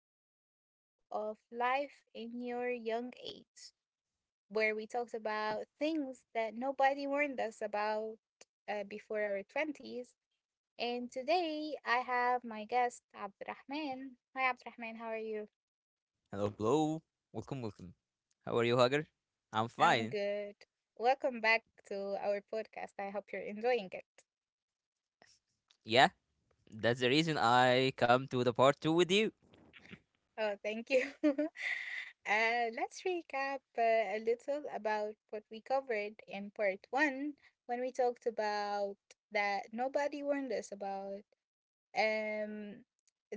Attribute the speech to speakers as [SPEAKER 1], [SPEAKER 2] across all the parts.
[SPEAKER 1] is part two of Life in Your Young Age, where we talked about things that nobody warned us about before our 20s. And today I have my guest, Abdurrahman. Hi, Abdurrahman, how are you?
[SPEAKER 2] Hello, blow. Welcome, welcome. How are you, Hugger? I'm
[SPEAKER 1] I'm
[SPEAKER 2] fine.
[SPEAKER 1] good. Welcome back to our podcast. I hope you're enjoying it.
[SPEAKER 2] Yeah, that's the reason I come to the part two with you.
[SPEAKER 1] Oh, thank you. Let's recap a little about what we covered in part one when we talked about that nobody warned us about um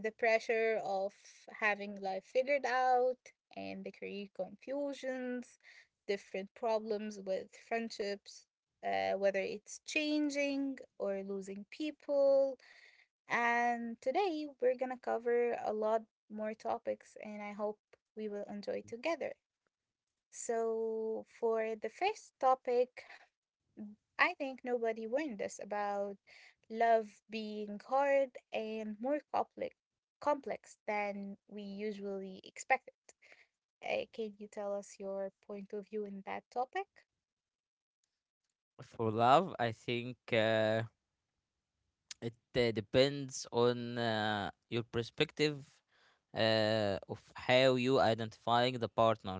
[SPEAKER 1] the pressure of having life figured out and the career confusions, different problems with friendships, whether it's changing or losing people, and today we're gonna cover a lot more topics, and I hope we will enjoy together. So, for the first topic, I think nobody warned us about love being hard and more complex than we usually expected. Can you tell us your point of view in that topic?
[SPEAKER 2] For love, I think it depends on your perspective of how you identifying the partner.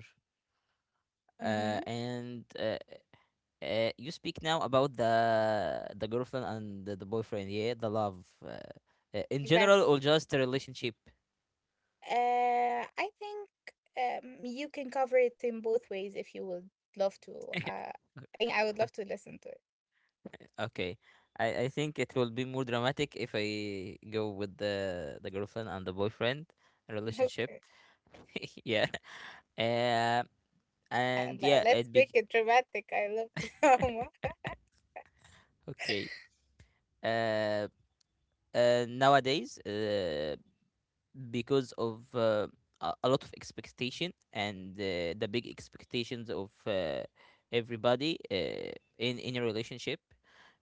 [SPEAKER 1] Mm-hmm.
[SPEAKER 2] And You speak now about the girlfriend and the boyfriend. Yeah, the love. In general, or just a relationship?
[SPEAKER 1] I think you can cover it in both ways if you would love to. Uh, I would love to listen to it.
[SPEAKER 2] Okay. I think it will be more dramatic if I go with the girlfriend and the boyfriend relationship.
[SPEAKER 1] Okay.
[SPEAKER 2] yeah. Uh, and
[SPEAKER 1] And
[SPEAKER 2] yeah, it
[SPEAKER 1] let's
[SPEAKER 2] be
[SPEAKER 1] make it dramatic. I love drama.
[SPEAKER 2] okay. Uh, Nowadays, because of a lot of expectation and the big expectations of everybody in a relationship.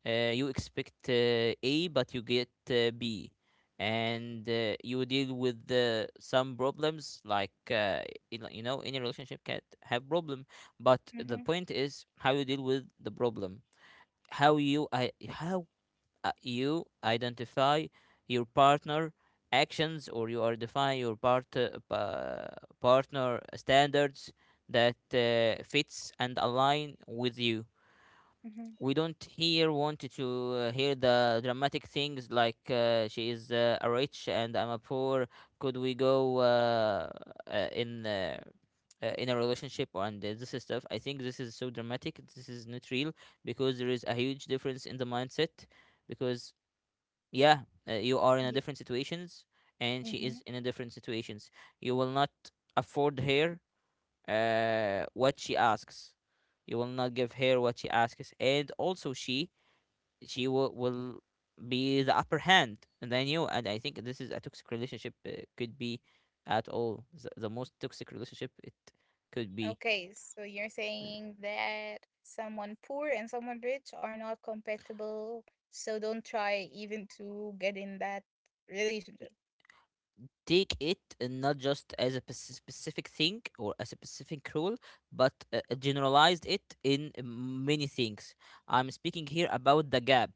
[SPEAKER 2] You expect A, but you get B, and you deal with some problems like you know any relationship can have problem, but the
[SPEAKER 1] Mm-hmm.
[SPEAKER 2] point is how you deal with the problem, how you identify your partner actions or you are define your partner standards that fits and align with you.
[SPEAKER 1] Mm-hmm.
[SPEAKER 2] We don't here want to hear the dramatic things like she is a rich and I'm a poor. Could we go uh, in uh, in a relationship? And this is stuff. I think this is so dramatic. This is not real, because there is a huge difference in the mindset, because yeah, you are in a
[SPEAKER 1] Yeah.
[SPEAKER 2] different situations and she
[SPEAKER 1] Mm-hmm.
[SPEAKER 2] is in a different situations. You will not afford her what she asks. You will not give her what she asks, and also she she will be the upper hand than you, and I think this is a toxic relationship. Could be at all the most toxic relationship it could be.
[SPEAKER 1] Okay, so you're saying that someone poor and someone rich are not compatible, so don't try even to get in that relationship.
[SPEAKER 2] Take it not just as a specific thing or as a specific rule, but generalized it in many things. I'm speaking here about the gap,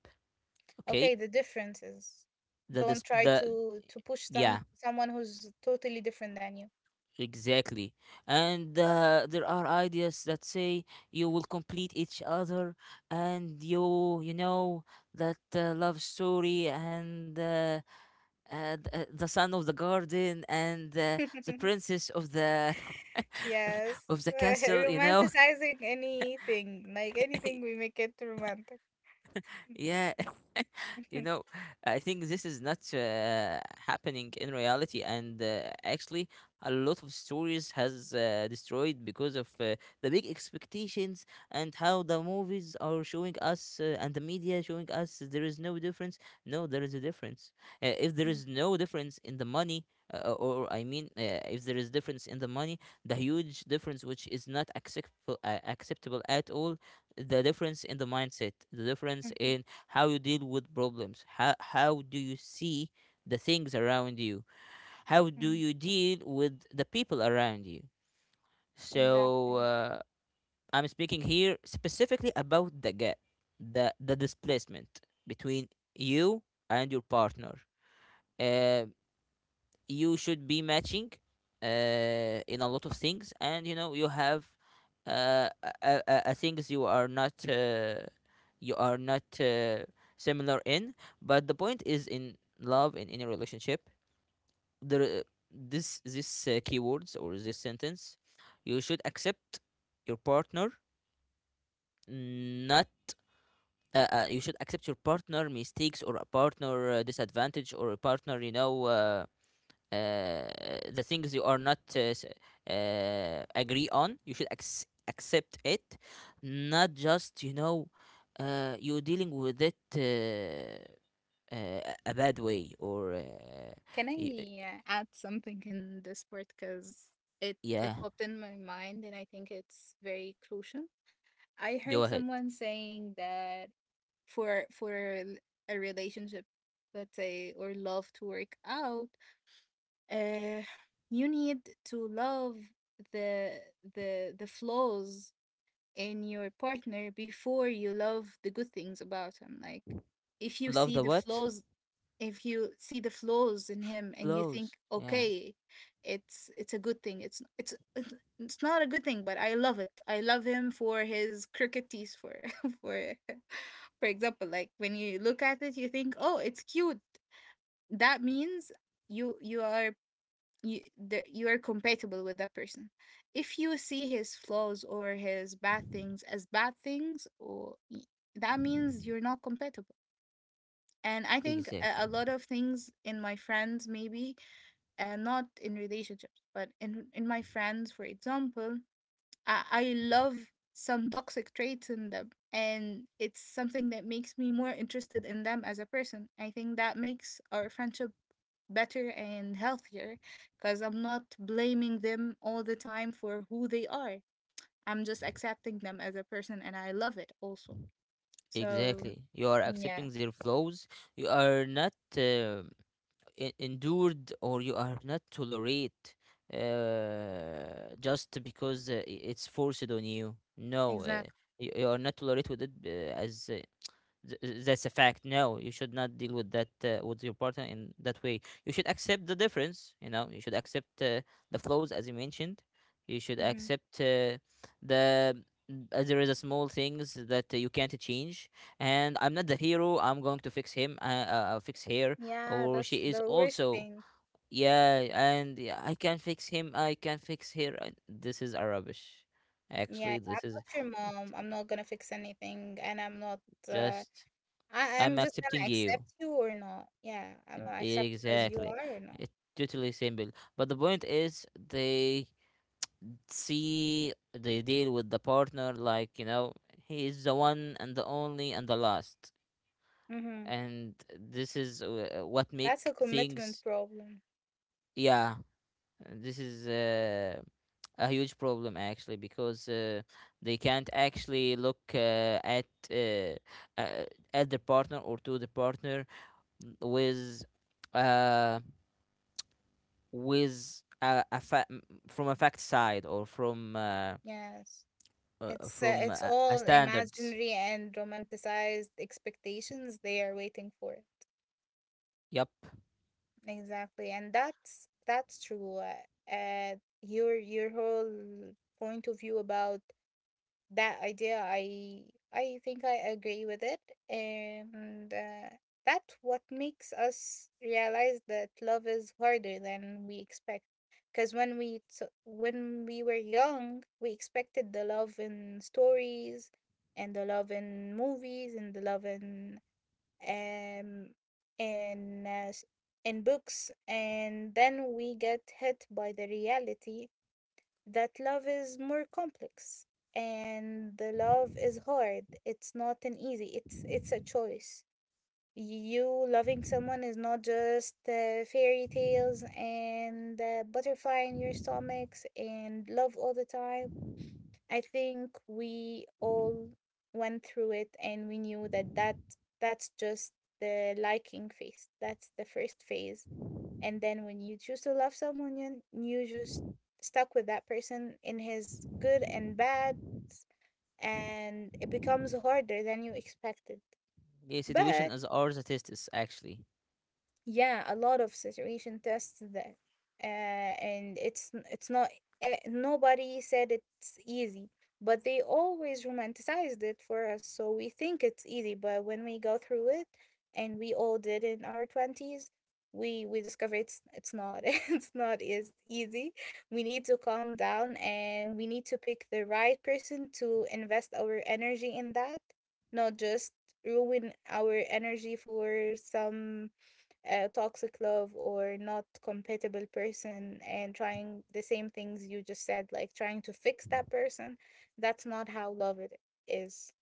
[SPEAKER 2] okay?
[SPEAKER 1] Okay, the difference is, don't try
[SPEAKER 2] The
[SPEAKER 1] to push
[SPEAKER 2] Yeah,
[SPEAKER 1] someone who's totally different than you.
[SPEAKER 2] exactly. And there are ideas that say you will complete each other, and you know that love story and the son of the garden and the princess of the
[SPEAKER 1] Yes.
[SPEAKER 2] of the castle, you know.
[SPEAKER 1] Romanticizing anything, like anything we make it romantic.
[SPEAKER 2] yeah. You know, I think this is not happening in reality, and actually, a lot of stories has destroyed because of the big expectations and how the movies are showing us and the media showing us there is no difference. No, there is a difference. If there
[SPEAKER 1] Mm,
[SPEAKER 2] is no difference in the money. Or I mean, if there is difference in the money, the huge difference which is not acceptable acceptable at all, the difference in the mindset, the difference
[SPEAKER 1] mhm,
[SPEAKER 2] in how you deal with problems, how do you see the things around you, how do
[SPEAKER 1] mm.
[SPEAKER 2] you deal with the people around you. So
[SPEAKER 1] Exactly.
[SPEAKER 2] I'm speaking here specifically about the gap, the displacement between you and your partner. Uh, you should be matching in a lot of things, and you know you have uh, a things you are not similar in, but the point is in love, in any relationship, there this keywords or this sentence: you should accept your partner. Not you should accept your partner mistakes or a partner disadvantage or a partner, you know, uh, the things you are not agree on, you should accept it. Not just, you know, you dealing with it uh, a bad way or
[SPEAKER 1] Can
[SPEAKER 2] y- uh,
[SPEAKER 1] I add something in this part? Because it
[SPEAKER 2] yeah,
[SPEAKER 1] popped in my mind, and I think it's very crucial. I
[SPEAKER 2] go
[SPEAKER 1] heard
[SPEAKER 2] ahead.
[SPEAKER 1] someone saying that for for l- a relationship, let's say, or love to work out, uh you need to love the the flaws in your partner before you love the good things about him. Like, if you
[SPEAKER 2] Love
[SPEAKER 1] see
[SPEAKER 2] the
[SPEAKER 1] the
[SPEAKER 2] what?
[SPEAKER 1] flaws, if you see the flaws in him and you think,
[SPEAKER 2] Flows, yeah.
[SPEAKER 1] okay, it's a good thing, it's not a good thing, but I love it. I love him for his crooked teeth, for for for example, like when you look at it you think, oh, it's cute. That means you you are you are compatible with that person. If you see his flaws or his bad things as bad things, or that means you're not compatible. And I think
[SPEAKER 2] Exactly.
[SPEAKER 1] a lot of things in my friends, maybe, not in relationships, but in my friends, for example, I love some toxic traits in them, and it's something that makes me more interested in them as a person. I think that makes our friendship better and healthier because I'm not blaming them all the time for who they are. I'm just accepting them as a person, and I love it also. So,
[SPEAKER 2] Exactly, you are
[SPEAKER 1] yeah,
[SPEAKER 2] accepting their flows. You are not endured or you are not tolerate just because it's forced on you. No,
[SPEAKER 1] exactly.
[SPEAKER 2] you, you are not tolerate with it as Th- that's a fact. No, you should not deal with that with your partner in that way. You should accept the difference. You know, you should accept the flaws as you mentioned. You should accept the there is a small things that you can't change. And I'm not the hero. I'm going to fix him. I'll fix her,
[SPEAKER 1] Yeah,
[SPEAKER 2] or she
[SPEAKER 1] that's
[SPEAKER 2] is
[SPEAKER 1] the worst
[SPEAKER 2] also
[SPEAKER 1] thing.
[SPEAKER 2] yeah. And yeah, I can fix him. I can fix her. And This is a rubbish.
[SPEAKER 1] Yeah,
[SPEAKER 2] Actually,
[SPEAKER 1] I'm
[SPEAKER 2] this is
[SPEAKER 1] not your mom. I'm not gonna fix anything, and I'm not. Uh,
[SPEAKER 2] just
[SPEAKER 1] I'm
[SPEAKER 2] I'm
[SPEAKER 1] just gonna
[SPEAKER 2] accepting you.
[SPEAKER 1] accept you or not. Yeah, I'm gonna accept you as you
[SPEAKER 2] Exactly.
[SPEAKER 1] are or not.
[SPEAKER 2] It's totally simple. But the point is they see they deal with the partner like, you know, he is the one and the only and the last.
[SPEAKER 1] Mm-hmm.
[SPEAKER 2] And this is what
[SPEAKER 1] That's
[SPEAKER 2] make
[SPEAKER 1] a commitment
[SPEAKER 2] things.
[SPEAKER 1] problem.
[SPEAKER 2] Yeah, this is a huge problem actually, because they can't actually look at uh, uh, at the partner or to the partner with uh, with a from a fact side or
[SPEAKER 1] Yes,
[SPEAKER 2] from
[SPEAKER 1] it's
[SPEAKER 2] a
[SPEAKER 1] all
[SPEAKER 2] standards.
[SPEAKER 1] imaginary and romanticized expectations they are waiting for it.
[SPEAKER 2] Yep.
[SPEAKER 1] Exactly, and that's true. Uh, your whole point of view about that idea, I think I agree with it, and that's what makes us realize that love is harder than we expect, because when when we were young we expected the love in stories and the love in movies and the love in um in uh, s- in books, and then we get hit by the reality that love is more complex, and the love is hard. It's not an easy, it's a choice. You loving someone is not just fairy tales and butterfly in your stomachs and love all the time. I think we all went through it, and we knew that that's just the liking phase. That's the first phase, and then when you choose to love someone, you just stuck with that person in his good and bad, and it becomes harder than you expected.
[SPEAKER 2] Yeah, situation
[SPEAKER 1] But
[SPEAKER 2] is our statistics actually,
[SPEAKER 1] yeah, a lot of saturation tests that, and it's not nobody said it's easy, but they always romanticized it for us, so we think it's easy. But when we go through it, and we all did in our twenties, we discover it's not it's not as easy. We need to calm down, and we need to pick the right person to invest our energy in that, not just ruin our energy for some a toxic love or not compatible person and trying the same things you just said, like trying to fix that person. That's not how love it is.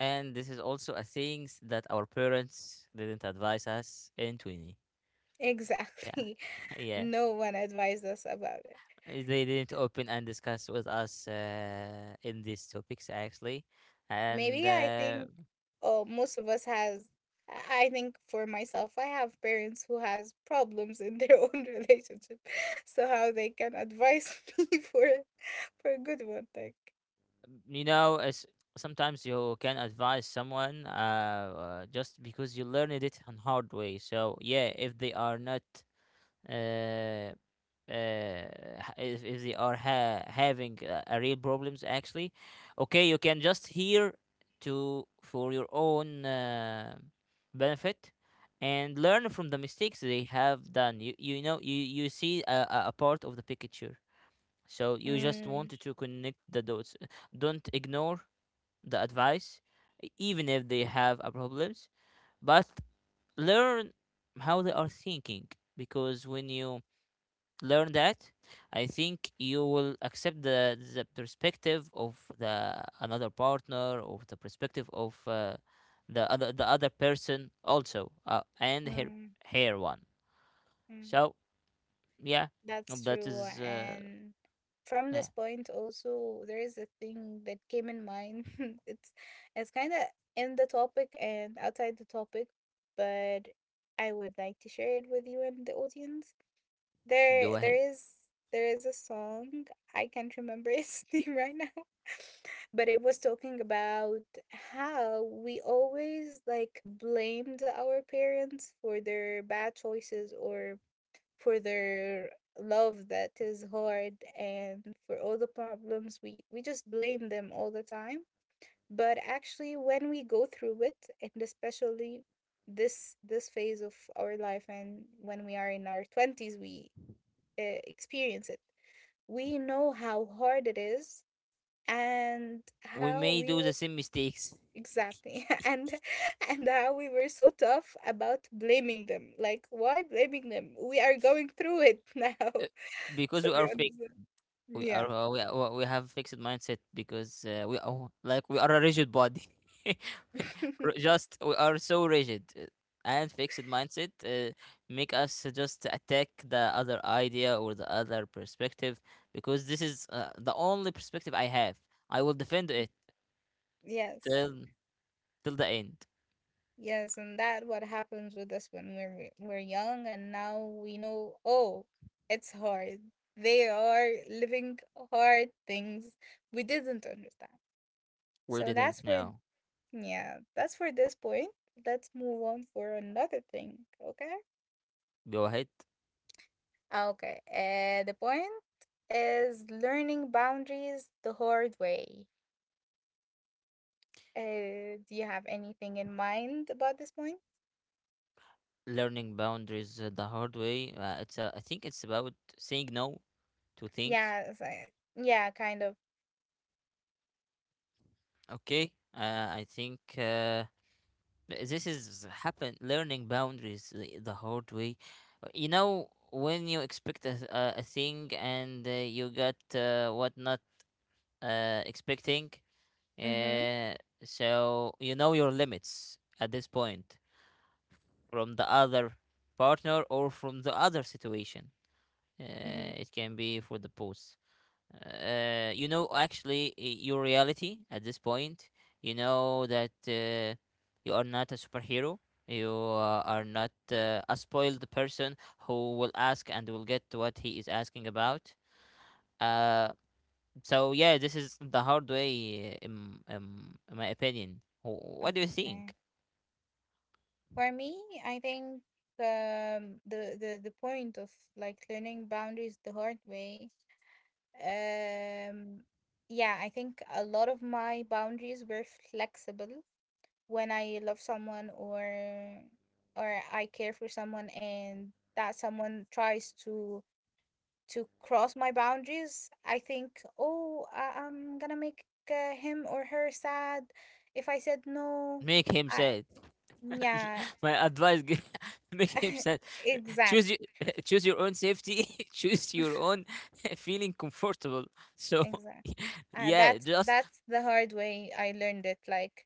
[SPEAKER 2] and this is also a things that our parents didn't advise us in twenty. Yeah,
[SPEAKER 1] Exactly.
[SPEAKER 2] yeah.
[SPEAKER 1] No one advised us about it.
[SPEAKER 2] They didn't open and discuss with us in these topics actually, and
[SPEAKER 1] Maybe I think most of us has, I think for myself, I have parents who has problems in their own relationship, so how they can advise me for a good one, like.
[SPEAKER 2] you know it's sometimes you can advise someone just because you learned it on hard way. So yeah, if they are not uh, uh, if they are having a real problems, actually okay, you can just hear to for your own benefit and learn from the mistakes they have done. You know, you see a part of the picture, so you just want
[SPEAKER 1] Mm,
[SPEAKER 2] to connect the dots. Don't ignore the advice, even if they have a problems, but learn how they are thinking, because when you learn that, I think you will accept the perspective of the another partner or the perspective of the other person also and her
[SPEAKER 1] mm,
[SPEAKER 2] her one.
[SPEAKER 1] mm.
[SPEAKER 2] So yeah,
[SPEAKER 1] That's
[SPEAKER 2] that
[SPEAKER 1] true.
[SPEAKER 2] is
[SPEAKER 1] And from
[SPEAKER 2] yeah,
[SPEAKER 1] this point also there is a thing that came in mind. It's it's kinda in the topic and outside the topic, but I would like to share it with you and the audience.
[SPEAKER 2] go
[SPEAKER 1] There there
[SPEAKER 2] ahead.
[SPEAKER 1] is there is a song, I can't remember its name right now, but it was talking about how we always like blamed our parents for their bad choices or for their love that is hard and for all the problems. We just blame them all the time, but actually when we go through it, and especially this phase of our life, and when we are in our 20s, we experience it, we know how hard it is and
[SPEAKER 2] We
[SPEAKER 1] how
[SPEAKER 2] may
[SPEAKER 1] we
[SPEAKER 2] do the
[SPEAKER 1] were.
[SPEAKER 2] same mistakes
[SPEAKER 1] Exactly. And how we were so tough about blaming them, like why blaming them, we are going through it now,
[SPEAKER 2] uh, because
[SPEAKER 1] so
[SPEAKER 2] we
[SPEAKER 1] we
[SPEAKER 2] are
[SPEAKER 1] understand. Yeah.
[SPEAKER 2] we have fixed mindset, because we are like we are a rigid body. Just we are so rigid and fixed mindset make us just attack the other idea or the other perspective, because this is the only perspective I have. I will defend it
[SPEAKER 1] Yes.
[SPEAKER 2] till the end.
[SPEAKER 1] Yes, and that what happens with us when we're young, and now we know, oh, it's hard. They are living hard things we didn't understand.
[SPEAKER 2] We
[SPEAKER 1] So that's
[SPEAKER 2] didn't
[SPEAKER 1] for
[SPEAKER 2] know.
[SPEAKER 1] yeah, that's for this point. Let's move on for another thing, okay?
[SPEAKER 2] Go ahead.
[SPEAKER 1] Okay. Uh, the point is learning boundaries the hard way. Uh, do you have anything in mind about this point?
[SPEAKER 2] Learning boundaries the hard way, it's I think it's about saying no to things.
[SPEAKER 1] Yeah, it's like yeah, kind of.
[SPEAKER 2] Okay, I think this is happen learning boundaries the hard way. You know when you expect a thing and you got what not expecting,
[SPEAKER 1] Mm-hmm.
[SPEAKER 2] uh, so you know your limits at this point from the other partner or from the other situation.
[SPEAKER 1] Mm-hmm.
[SPEAKER 2] It can be for the both. You know actually your reality at this point. You know that you are not a superhero. You are not a spoiled person who will ask and will get what he is asking about. uh, so yeah, this is the hard way in my opinion. What do you think?
[SPEAKER 1] Okay. For me, I think the point of like learning boundaries the hard way. Um, yeah, I think a lot of my boundaries were flexible when I love someone or I care for someone, and that someone tries to cross my boundaries. I think, oh, I'm gonna make him or her sad if I said no.
[SPEAKER 2] Make him
[SPEAKER 1] I
[SPEAKER 2] sad.
[SPEAKER 1] yeah,
[SPEAKER 2] My advice make him sad.
[SPEAKER 1] exact,
[SPEAKER 2] Choose your, choose your own safety. Choose your own feeling comfortable. So
[SPEAKER 1] exact.
[SPEAKER 2] yeah, just
[SPEAKER 1] That's the hard way I learned it. Like,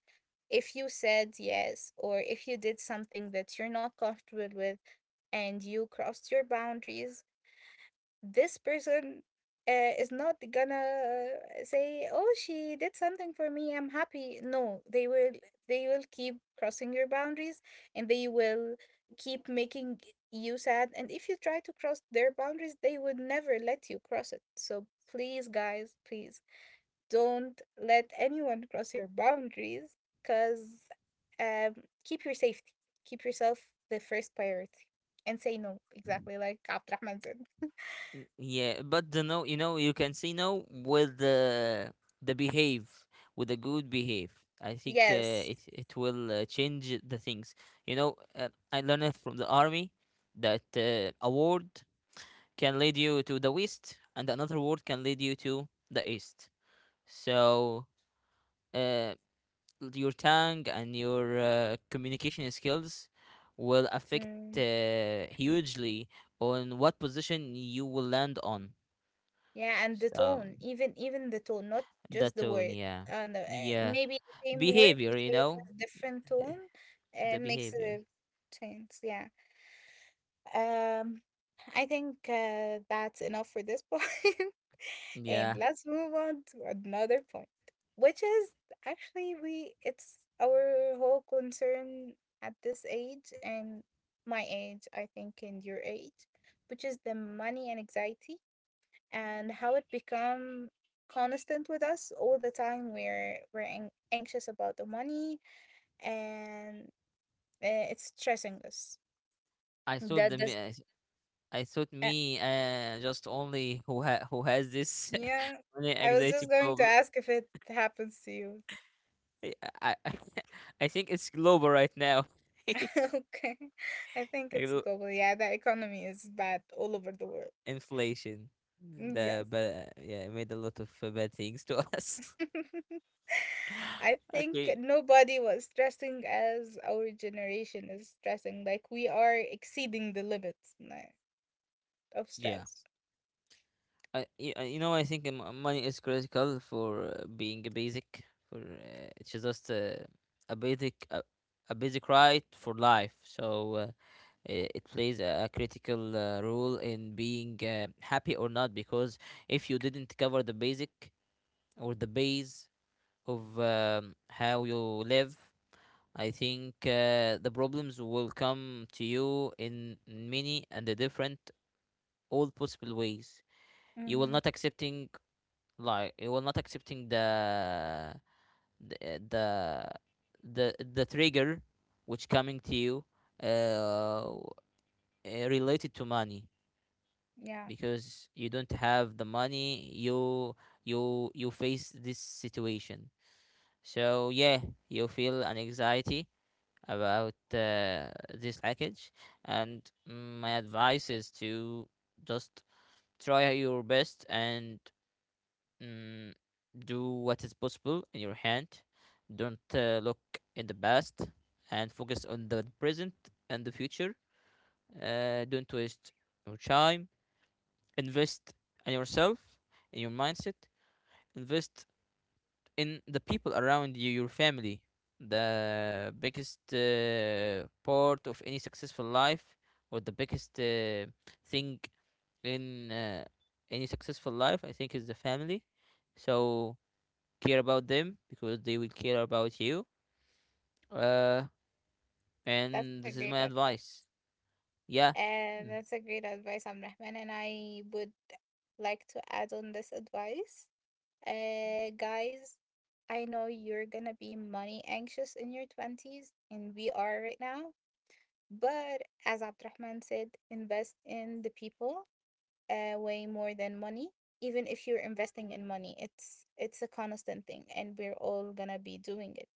[SPEAKER 1] if you said yes, or if you did something that you're not comfortable with, and you crossed your boundaries, this person is not gonna say, oh, she did something for me, I'm happy. No, they will, they will keep crossing your boundaries, and they will keep making you sad. And if you try to cross their boundaries, they would never let you cross it. So please, guys, please don't let anyone cross your boundaries, because um, keep your safety, keep yourself the first priority, and say no exactly like Abdurrahman said.
[SPEAKER 2] mm, yeah. But the no, you know, you can say no with the behave with a good behave. I think
[SPEAKER 1] Yes.
[SPEAKER 2] it it will change the things. You know, I learned from the army that a word can lead you to the west, and another word can lead you to the east. So uh, your tongue and your communication skills will affect
[SPEAKER 1] Mm,
[SPEAKER 2] hugely on what position you will land on.
[SPEAKER 1] yeah, and the
[SPEAKER 2] So
[SPEAKER 1] tone, even even the tone, not
[SPEAKER 2] the
[SPEAKER 1] just the
[SPEAKER 2] tone,
[SPEAKER 1] word.
[SPEAKER 2] yeah,
[SPEAKER 1] And
[SPEAKER 2] yeah,
[SPEAKER 1] maybe the same word you
[SPEAKER 2] behavior, you
[SPEAKER 1] say it
[SPEAKER 2] know,
[SPEAKER 1] with different tone,
[SPEAKER 2] the
[SPEAKER 1] it makes
[SPEAKER 2] behavior.
[SPEAKER 1] a change. Yeah. Um, I think that's enough for this point, and
[SPEAKER 2] Yeah,
[SPEAKER 1] let's move on to another point, which is actually we it's our whole concern at this age and my age, I think, and your age, which is the money and anxiety and how it become constant with us all the time. We're anxious about the money, and it's stressing us.
[SPEAKER 2] I thought the
[SPEAKER 1] That does,
[SPEAKER 2] I thought
[SPEAKER 1] uh,
[SPEAKER 2] me just only who who has this
[SPEAKER 1] yeah,
[SPEAKER 2] only
[SPEAKER 1] I was
[SPEAKER 2] anxiety
[SPEAKER 1] just going to
[SPEAKER 2] problem.
[SPEAKER 1] ask if it happens to you.
[SPEAKER 2] I I think it's global right now.
[SPEAKER 1] Okay, I think it's global. Yeah, the economy is bad all over the world.
[SPEAKER 2] Inflation.
[SPEAKER 1] Mm,
[SPEAKER 2] The
[SPEAKER 1] yes.
[SPEAKER 2] but yeah, it made a lot of bad things to us.
[SPEAKER 1] I think
[SPEAKER 2] Okay.
[SPEAKER 1] nobody was stressing as our generation is stressing. Like, we are exceeding the limits now of
[SPEAKER 2] Yeah.
[SPEAKER 1] stress.
[SPEAKER 2] You know I think money is critical for being a basic for it's just a basic a basic right for life. So uh, it plays a critical role in being happy or not, because if you didn't cover the basic or the base of how you live, I think the problems will come to you in many and the different all possible ways. You will
[SPEAKER 1] Hmm.
[SPEAKER 2] not accepting, like, you will not accepting the the trigger which coming to you uh, related to money
[SPEAKER 1] Yeah,
[SPEAKER 2] because you don't have the money, you you face this situation. So, yeah, you feel an anxiety about this package, and my advice is to just try your best and, mm, do what is possible in your hand. Don't look in the past, and focus on the present and the future. Don't waste your time. Invest in yourself, in your mindset. Invest in the people around you, your family. The biggest part of any successful life, or the biggest thing in any successful life, I think, is the family. So care about them because they will care about you. Uh,
[SPEAKER 1] that's
[SPEAKER 2] and
[SPEAKER 1] a
[SPEAKER 2] this is
[SPEAKER 1] great
[SPEAKER 2] my
[SPEAKER 1] advice.
[SPEAKER 2] advice. Yeah.
[SPEAKER 1] And
[SPEAKER 2] Mm.
[SPEAKER 1] that's a great advice, Abdurrahman. And I would like to add on this advice. Guys, I know you're gonna be money anxious in your 20s, and we are right now. But as Abdurrahman said, invest in the people way more than money. Even if you're investing in money, it's a constant thing and we're all gonna be doing it,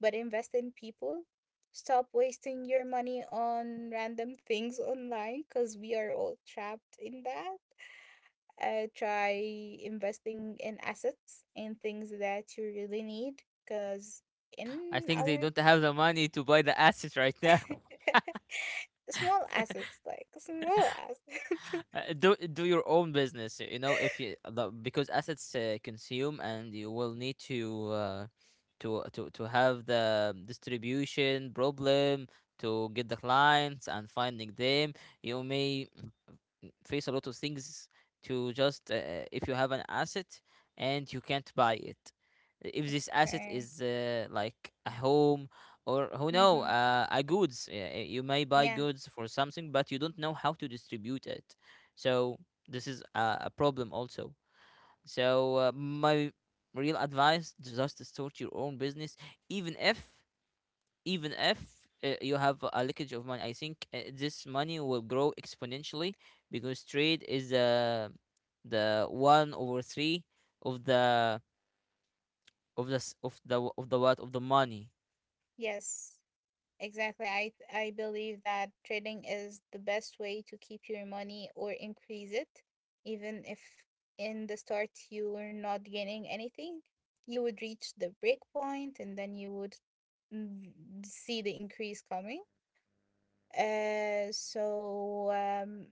[SPEAKER 1] but invest in people. Stop wasting your money on random things online because we are all trapped in that. Try investing in assets and things that you really need because
[SPEAKER 2] I
[SPEAKER 1] in
[SPEAKER 2] think they
[SPEAKER 1] our…
[SPEAKER 2] don't have the money to buy the assets right now.
[SPEAKER 1] Small assets, like small assets.
[SPEAKER 2] Do your own business, you know, if you because assets consume, and you will need to to have the distribution problem, to get the clients and finding them. You may face a lot of things to just, if you have an asset and you can't buy it, if this asset
[SPEAKER 1] Okay.
[SPEAKER 2] is like a home, or who know,
[SPEAKER 1] Mm-hmm.
[SPEAKER 2] a goods, you may buy goods
[SPEAKER 1] Yes.
[SPEAKER 2] for something but you don't know how to distribute it. So this is a problem also. So my real advice, just start your own business, even if, even if you have a leakage of money, I think this money will grow exponentially because trade is the one over three of the, of the s- of the w- of the what of the money.
[SPEAKER 1] Yes, exactly. I believe that trading is the best way to keep your money or increase it, even if in the start you were not gaining anything. You would reach the break point and then you would, mm, see the increase coming. Uh, so um,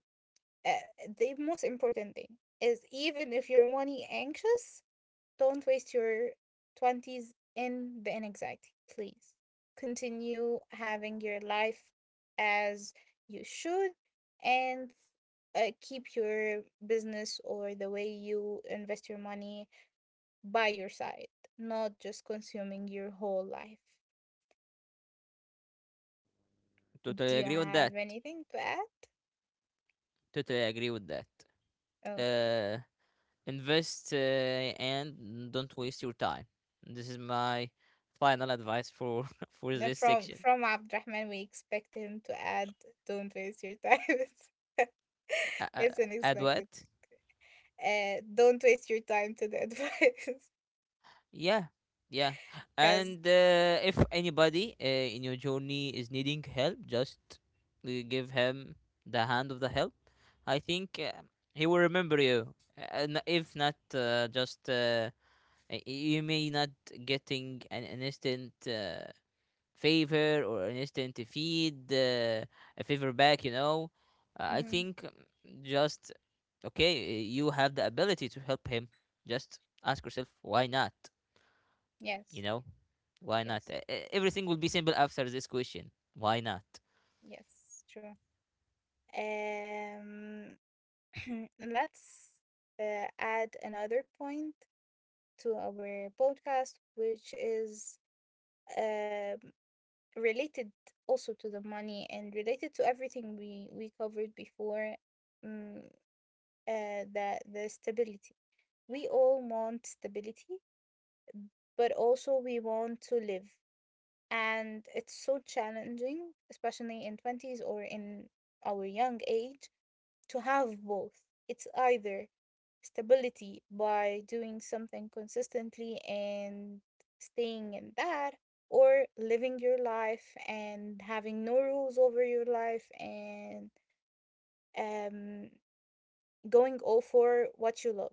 [SPEAKER 1] uh, the most important thing is, even if your money anxious, don't waste your 20s in the anxiety, please. Continue having your life as you should, and keep your business or the way you invest your money by your side, not just consuming your whole life. Do
[SPEAKER 2] Totally
[SPEAKER 1] you
[SPEAKER 2] agree with
[SPEAKER 1] have
[SPEAKER 2] that.
[SPEAKER 1] anything to add?
[SPEAKER 2] Totally agree with that.
[SPEAKER 1] Oh,
[SPEAKER 2] Uh, Invest and don't waste your time. This is my final advice for for
[SPEAKER 1] no,
[SPEAKER 2] this
[SPEAKER 1] from
[SPEAKER 2] section.
[SPEAKER 1] from Abdurrahman, we expect him to add, "Don't waste your time." It's
[SPEAKER 2] Uh, uh, Add what?
[SPEAKER 1] unexpected. Don't waste your time to the advice
[SPEAKER 2] Yeah, yeah.
[SPEAKER 1] because…
[SPEAKER 2] And if anybody, in your journey is needing help, just give him the hand of the help. I think he will remember you. And if not, just, you may not getting an instant favor, or an instant feed, a favor back. I
[SPEAKER 1] Mm-hmm.
[SPEAKER 2] think, just, okay, you have the ability to help him. Just ask yourself, why not. You
[SPEAKER 1] Yes,
[SPEAKER 2] know. Why not?
[SPEAKER 1] yes,
[SPEAKER 2] Everything will be simple after this question. Why not?
[SPEAKER 1] yes, true. um, let's add another point to our podcast, which is, um, related also to the money and related to everything we covered before, mm, the stability. We all want stability, but also we want to live. And it's so challenging, especially in 20s or in our young age, to have both. It's either stability by doing something consistently and staying in that, or living your life and having no rules over your life and um, going all for what you love.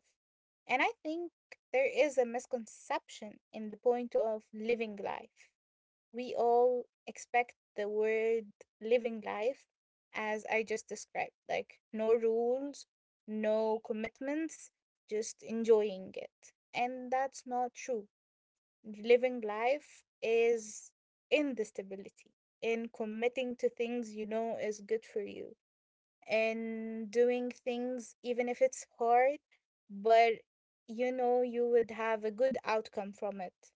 [SPEAKER 1] And I think there is a misconception in the point of living life. We all expect the word living life as I just described, like no rules, no commitments, just enjoying it. And that's not true. Living life is in the stability, in committing to things you know is good for you, in doing things even if it's hard, but you know you would have a good outcome from it.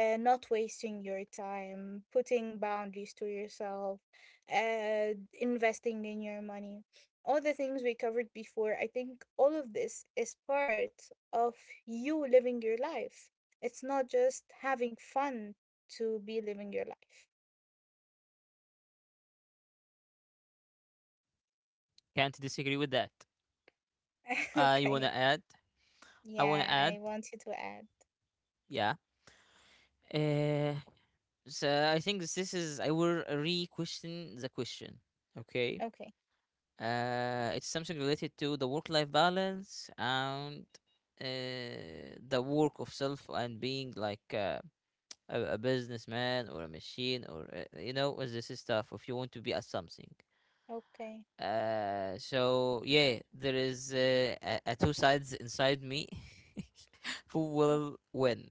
[SPEAKER 1] Not wasting your time, putting boundaries to yourself, uh, investing in your money. All the things we covered before, I think all of this is part of you living your life. It's not just having fun to be living your life.
[SPEAKER 2] Can't disagree with that. You
[SPEAKER 1] Okay.
[SPEAKER 2] wanna add? I wanna
[SPEAKER 1] Yeah, I
[SPEAKER 2] add.
[SPEAKER 1] want you to add.
[SPEAKER 2] Yeah. Uh, so I think this is, I will re-question the question. Okay.
[SPEAKER 1] Okay.
[SPEAKER 2] It's something related to the work-life balance and uh, the work of self, and being like a businessman or a machine, or, you know, this is stuff. If you want to be a something,
[SPEAKER 1] Okay.
[SPEAKER 2] so yeah, there is a two sides inside me who will win.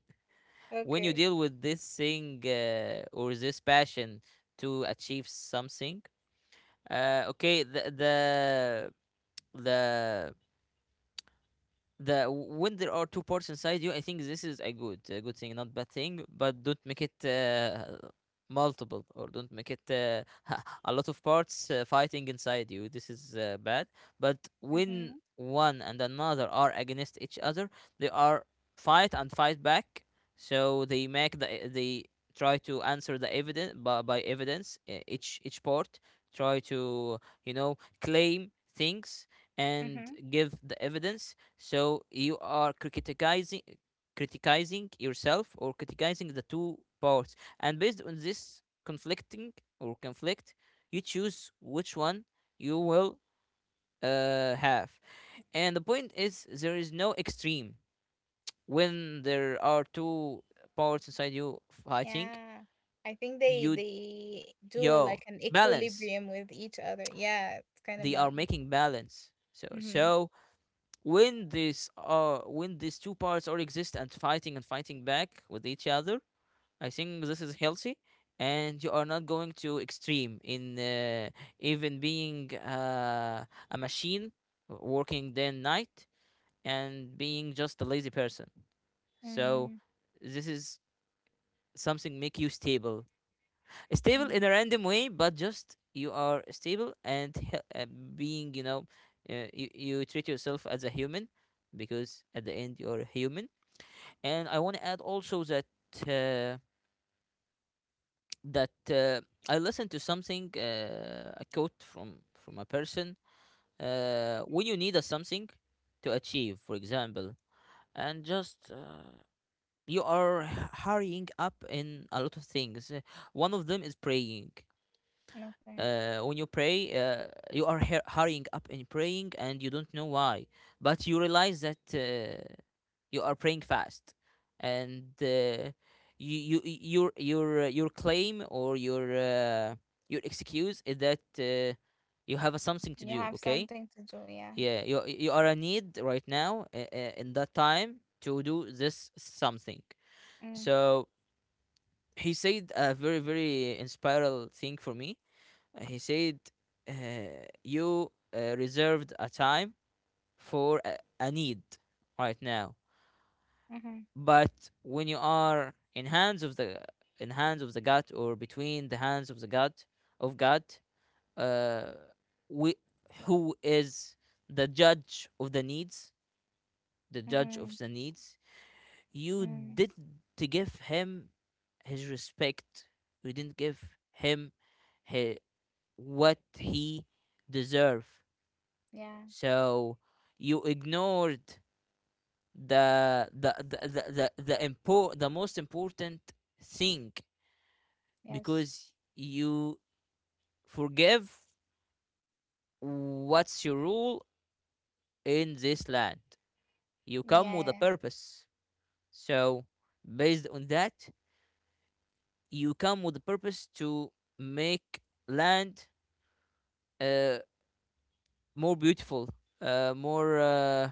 [SPEAKER 2] When you
[SPEAKER 1] Okay.
[SPEAKER 2] deal with this thing, or this passion to achieve something, okay, the the when there are two parts inside you, I think this is a good, a good thing, not bad thing. But don't make it multiple, or don't make it a lot of parts fighting inside you. This is bad. But when
[SPEAKER 1] Mm-hmm.
[SPEAKER 2] one and another are against each other, they are fight and fight back. So they make the, they try to answer the evidence by evidence, each part try to, you know, claim things and
[SPEAKER 1] Mm-hmm.
[SPEAKER 2] give the evidence. So you are criticizing, criticizing yourself, or criticizing the two parts. And based on this conflicting, or conflict, you choose which one you will have. And the point is, there is no extreme. When there are two parts inside you fighting,
[SPEAKER 1] Yeah. I think they
[SPEAKER 2] you
[SPEAKER 1] they do
[SPEAKER 2] yo
[SPEAKER 1] like an
[SPEAKER 2] balance.
[SPEAKER 1] equilibrium with each other. Yeah, it's kind of
[SPEAKER 2] They are
[SPEAKER 1] balanced.
[SPEAKER 2] making balance. So,
[SPEAKER 1] Mm-hmm.
[SPEAKER 2] so when this when these two parts all exist and fighting back with each other, I think this is healthy, and you are not going to extreme in, even being a machine working day and night, and being just a lazy person.
[SPEAKER 1] Mm-hmm.
[SPEAKER 2] So this is something make you stable, stable
[SPEAKER 1] Mm.
[SPEAKER 2] in a random way, but just you are stable and being, you know, you, you treat yourself as a human, because at the end, you're a human. And I want to add also that. Uh, that uh, I listened to something, a quote from a person. When you need a something to achieve, for example, and just, you are hurrying up in a lot of things. One of them is praying.
[SPEAKER 1] Okay.
[SPEAKER 2] When you pray, you are hurrying up in praying, and you don't know why. But you realize that you are praying fast, and, your your, your claim, or your, your excuse is that you have a something to
[SPEAKER 1] You
[SPEAKER 2] do.
[SPEAKER 1] have
[SPEAKER 2] Okay,
[SPEAKER 1] something to do, yeah.
[SPEAKER 2] yeah, you are a need right now, in that time to do this something.
[SPEAKER 1] Mm.
[SPEAKER 2] So he said a very, very inspiring thing for me. He said, you reserved a time for a need right now.
[SPEAKER 1] Mm-hmm.
[SPEAKER 2] But when you are in hands of the, in hands of the God, or between the hands of the God, of God, uh, we, who is the judge of the needs, the judge
[SPEAKER 1] Mm-hmm.
[SPEAKER 2] of the needs, you
[SPEAKER 1] Mm.
[SPEAKER 2] did to give him his respect. You didn't give him, he, what he deserve.
[SPEAKER 1] Yeah.
[SPEAKER 2] So you ignored the the the the the most important thing,
[SPEAKER 1] Yes.
[SPEAKER 2] because you forgive what's your rule in this land. You
[SPEAKER 1] Yeah,
[SPEAKER 2] come with
[SPEAKER 1] yeah,
[SPEAKER 2] a
[SPEAKER 1] yeah.
[SPEAKER 2] purpose. So based on that, you come with a purpose to make land, uh, more beautiful, uh, more uh,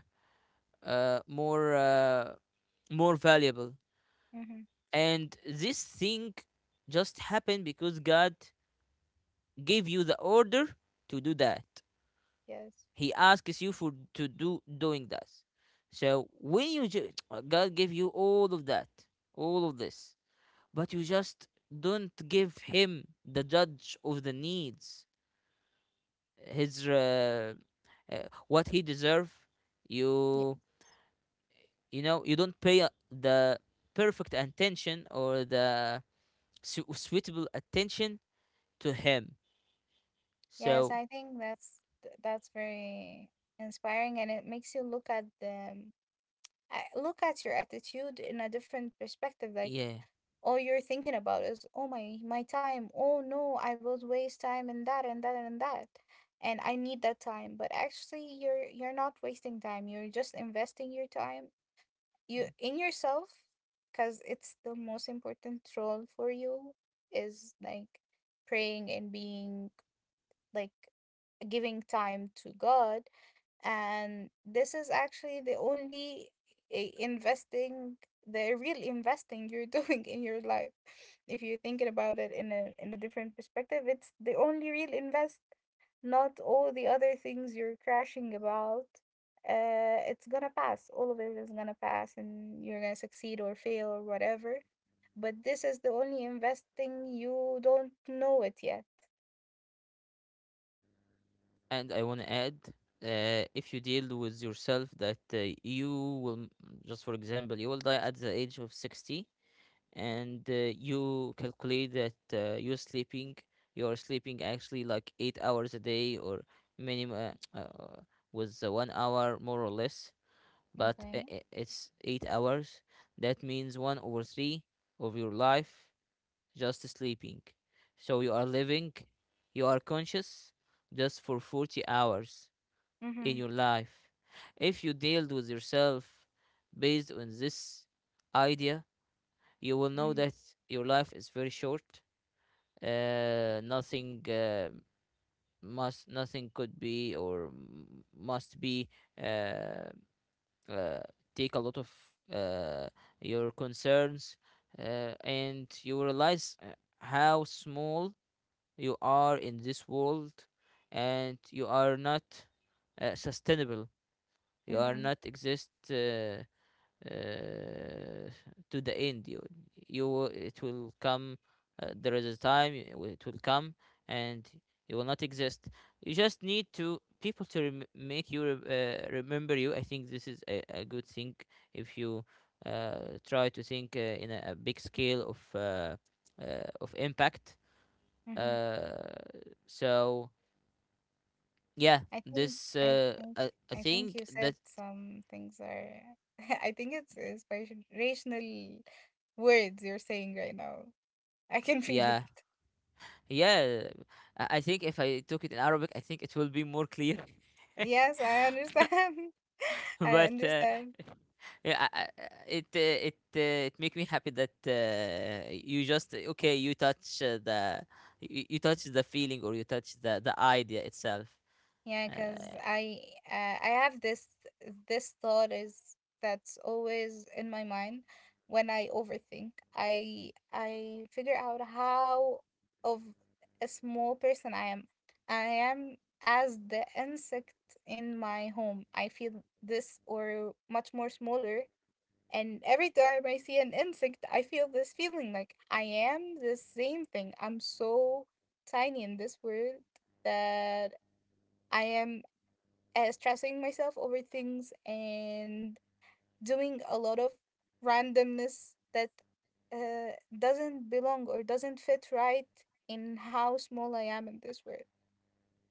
[SPEAKER 2] uh, more uh, more valuable.
[SPEAKER 1] Mm-hmm.
[SPEAKER 2] And this thing just happened because God gave you the order to do that.
[SPEAKER 1] Yes.
[SPEAKER 2] He asks you for to do doing that. So when you God gave you all of that, all of this, but you just don't give him, the judge of the needs, his, uh, what he deserve.
[SPEAKER 1] Yeah.
[SPEAKER 2] you you know, you don't pay the perfect attention, or the suitable attention to him.
[SPEAKER 1] Yes,
[SPEAKER 2] So
[SPEAKER 1] I think that's very inspiring, and it makes you look at the… I look at your attitude in a different perspective. Like,
[SPEAKER 2] yeah.
[SPEAKER 1] all you're thinking about is, oh, my time, oh no, I will waste time in that and that and that, and I need that time, but actually you're not wasting time, you're just investing your time, you
[SPEAKER 2] Mm.
[SPEAKER 1] in yourself, because it's the most important role for you, is like praying and being, like, giving time to God. And this is actually the only, investing, the real investing you're doing in your life. If you're thinking about it in a, in a different perspective, it's the only real invest. Not all the other things you're crashing about. It's gonna pass, all of it is gonna pass, and you're gonna succeed or fail or whatever, but this is the only investing. You don't know it yet.
[SPEAKER 2] And I want to add, if you deal with yourself that you will, just for example, you will die at the age of 60, and, you calculate that you're sleeping, you are sleeping, actually, like 8 hours a day, or minimum, with the 1 hour more or less, but
[SPEAKER 1] Okay.
[SPEAKER 2] it's 8 hours. That means one over three of your life just sleeping. So you are living, you are conscious just for 40 hours in
[SPEAKER 1] Mhm.
[SPEAKER 2] your life. If you dealt with yourself based on this idea, you will know
[SPEAKER 1] Mhm.
[SPEAKER 2] that your life is very short. Nothing, must, nothing could be, or must be, uh, uh, take a lot of uh, your concerns, and you realize how small you are in this world, and you are not sustainable, you are
[SPEAKER 1] Mhm.
[SPEAKER 2] not exist, uh, to the end, you it will come, there is a time, it will, it will come, and you will not exist. You just need to people to make you remember you. I think this is a good thing if you try to think in a big scale of, of impact.
[SPEAKER 1] Mhm.
[SPEAKER 2] Uh, so yeah,
[SPEAKER 1] I think
[SPEAKER 2] this
[SPEAKER 1] I think
[SPEAKER 2] I
[SPEAKER 1] I think
[SPEAKER 2] think
[SPEAKER 1] you
[SPEAKER 2] that,
[SPEAKER 1] said some things are… I think it's inspirational words you're saying right now. I can feel
[SPEAKER 2] yeah,
[SPEAKER 1] it.
[SPEAKER 2] yeah. I think if I took it in Arabic, I think it will be more clear.
[SPEAKER 1] Yes, I understand. I
[SPEAKER 2] But
[SPEAKER 1] understand.
[SPEAKER 2] yeah, it make me happy that you just, okay, you touch the, you touch the feeling, or you touch the idea itself.
[SPEAKER 1] Yeah,
[SPEAKER 2] Uh.
[SPEAKER 1] because I have this, this thought is that's always in my mind. When I overthink, I figure out how of a small person I am. I am as the insect in my home. I feel this, or much more smaller. And every time I see an insect, I feel this feeling, like I am the same thing. I'm so tiny in this world that I am, stressing myself over things and doing a lot of randomness that, doesn't belong or doesn't fit right in how small I am in this world.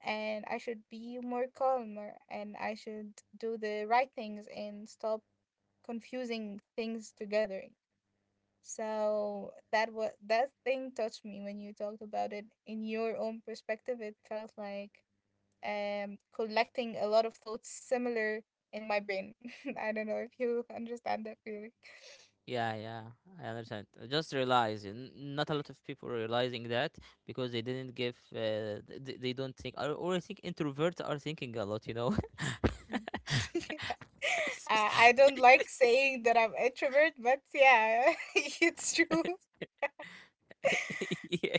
[SPEAKER 1] And I should be more calmer, and I should do the right things and stop confusing things together. So that what that thing touched me when you talked about it in your own perspective. It felt like, collecting a lot of thoughts similar in my brain. I don't know if you understand that feeling.
[SPEAKER 2] Yeah, yeah, I understand. I just realize, not a lot of people realizing that, because they didn't give, they don't think, or I think introverts are thinking a lot, you know.
[SPEAKER 1] Yeah. I don't like saying that I'm introvert, but yeah, it's true.
[SPEAKER 2] Yeah.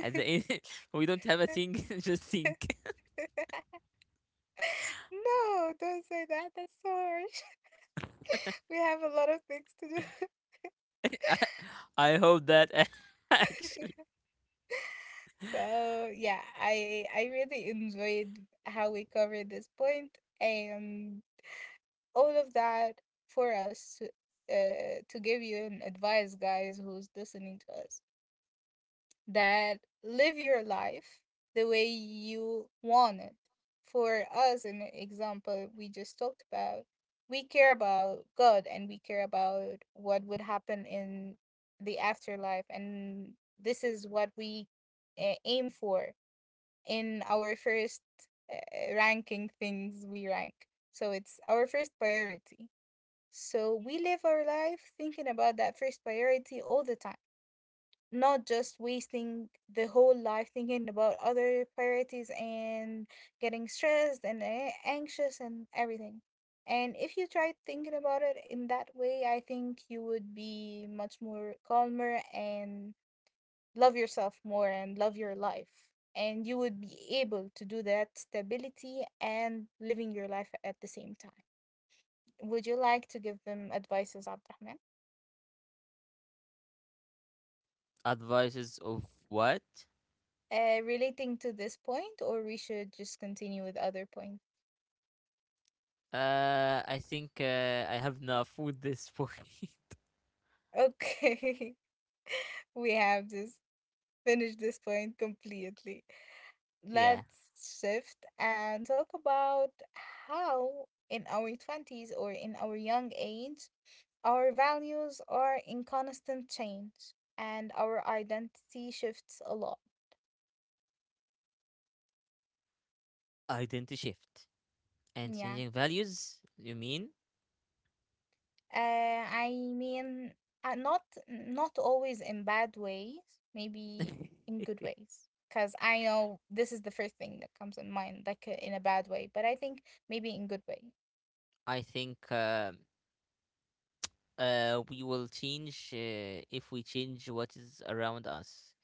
[SPEAKER 2] At the end, we don't have a thing, just think.
[SPEAKER 1] No, don't say that. That's so harsh. We have a lot of things to do.
[SPEAKER 2] I hope that, actually.
[SPEAKER 1] So yeah, I really enjoyed how we covered this point, and all of that for us to give you an advice, guys, who's listening to us, that live your life the way you want it. For us, an example we just talked about, we care about God and we care about what would happen in the afterlife. And this is what we, aim for in our first, ranking things we rank. So it's our first priority. So we live our life thinking about that first priority all the time, not just wasting the whole life thinking about other priorities and getting stressed and anxious and everything. And if you try thinking about it in that way, I think you would be much more calmer and love yourself more and love your life. And you would be able to do that stability and living your life at the same time. Would you like to give them advices, Abdurrahman?
[SPEAKER 2] Advices of what?
[SPEAKER 1] Relating to this point, or we should just continue with other point?
[SPEAKER 2] I think I have enough with this point.
[SPEAKER 1] Okay, we have just finished this point completely.
[SPEAKER 2] Yeah.
[SPEAKER 1] Let's shift and talk about how, in our 20s or in our young age, our values are in constant change and our identity shifts a lot.
[SPEAKER 2] Identity shift. And
[SPEAKER 1] Yeah.
[SPEAKER 2] changing values, you mean?
[SPEAKER 1] I mean, not not always in bad ways, maybe in good ways. Because I know this is the first thing that comes in mind, like in a bad way, but I think maybe in good way.
[SPEAKER 2] I think, we will change if we change what is around us.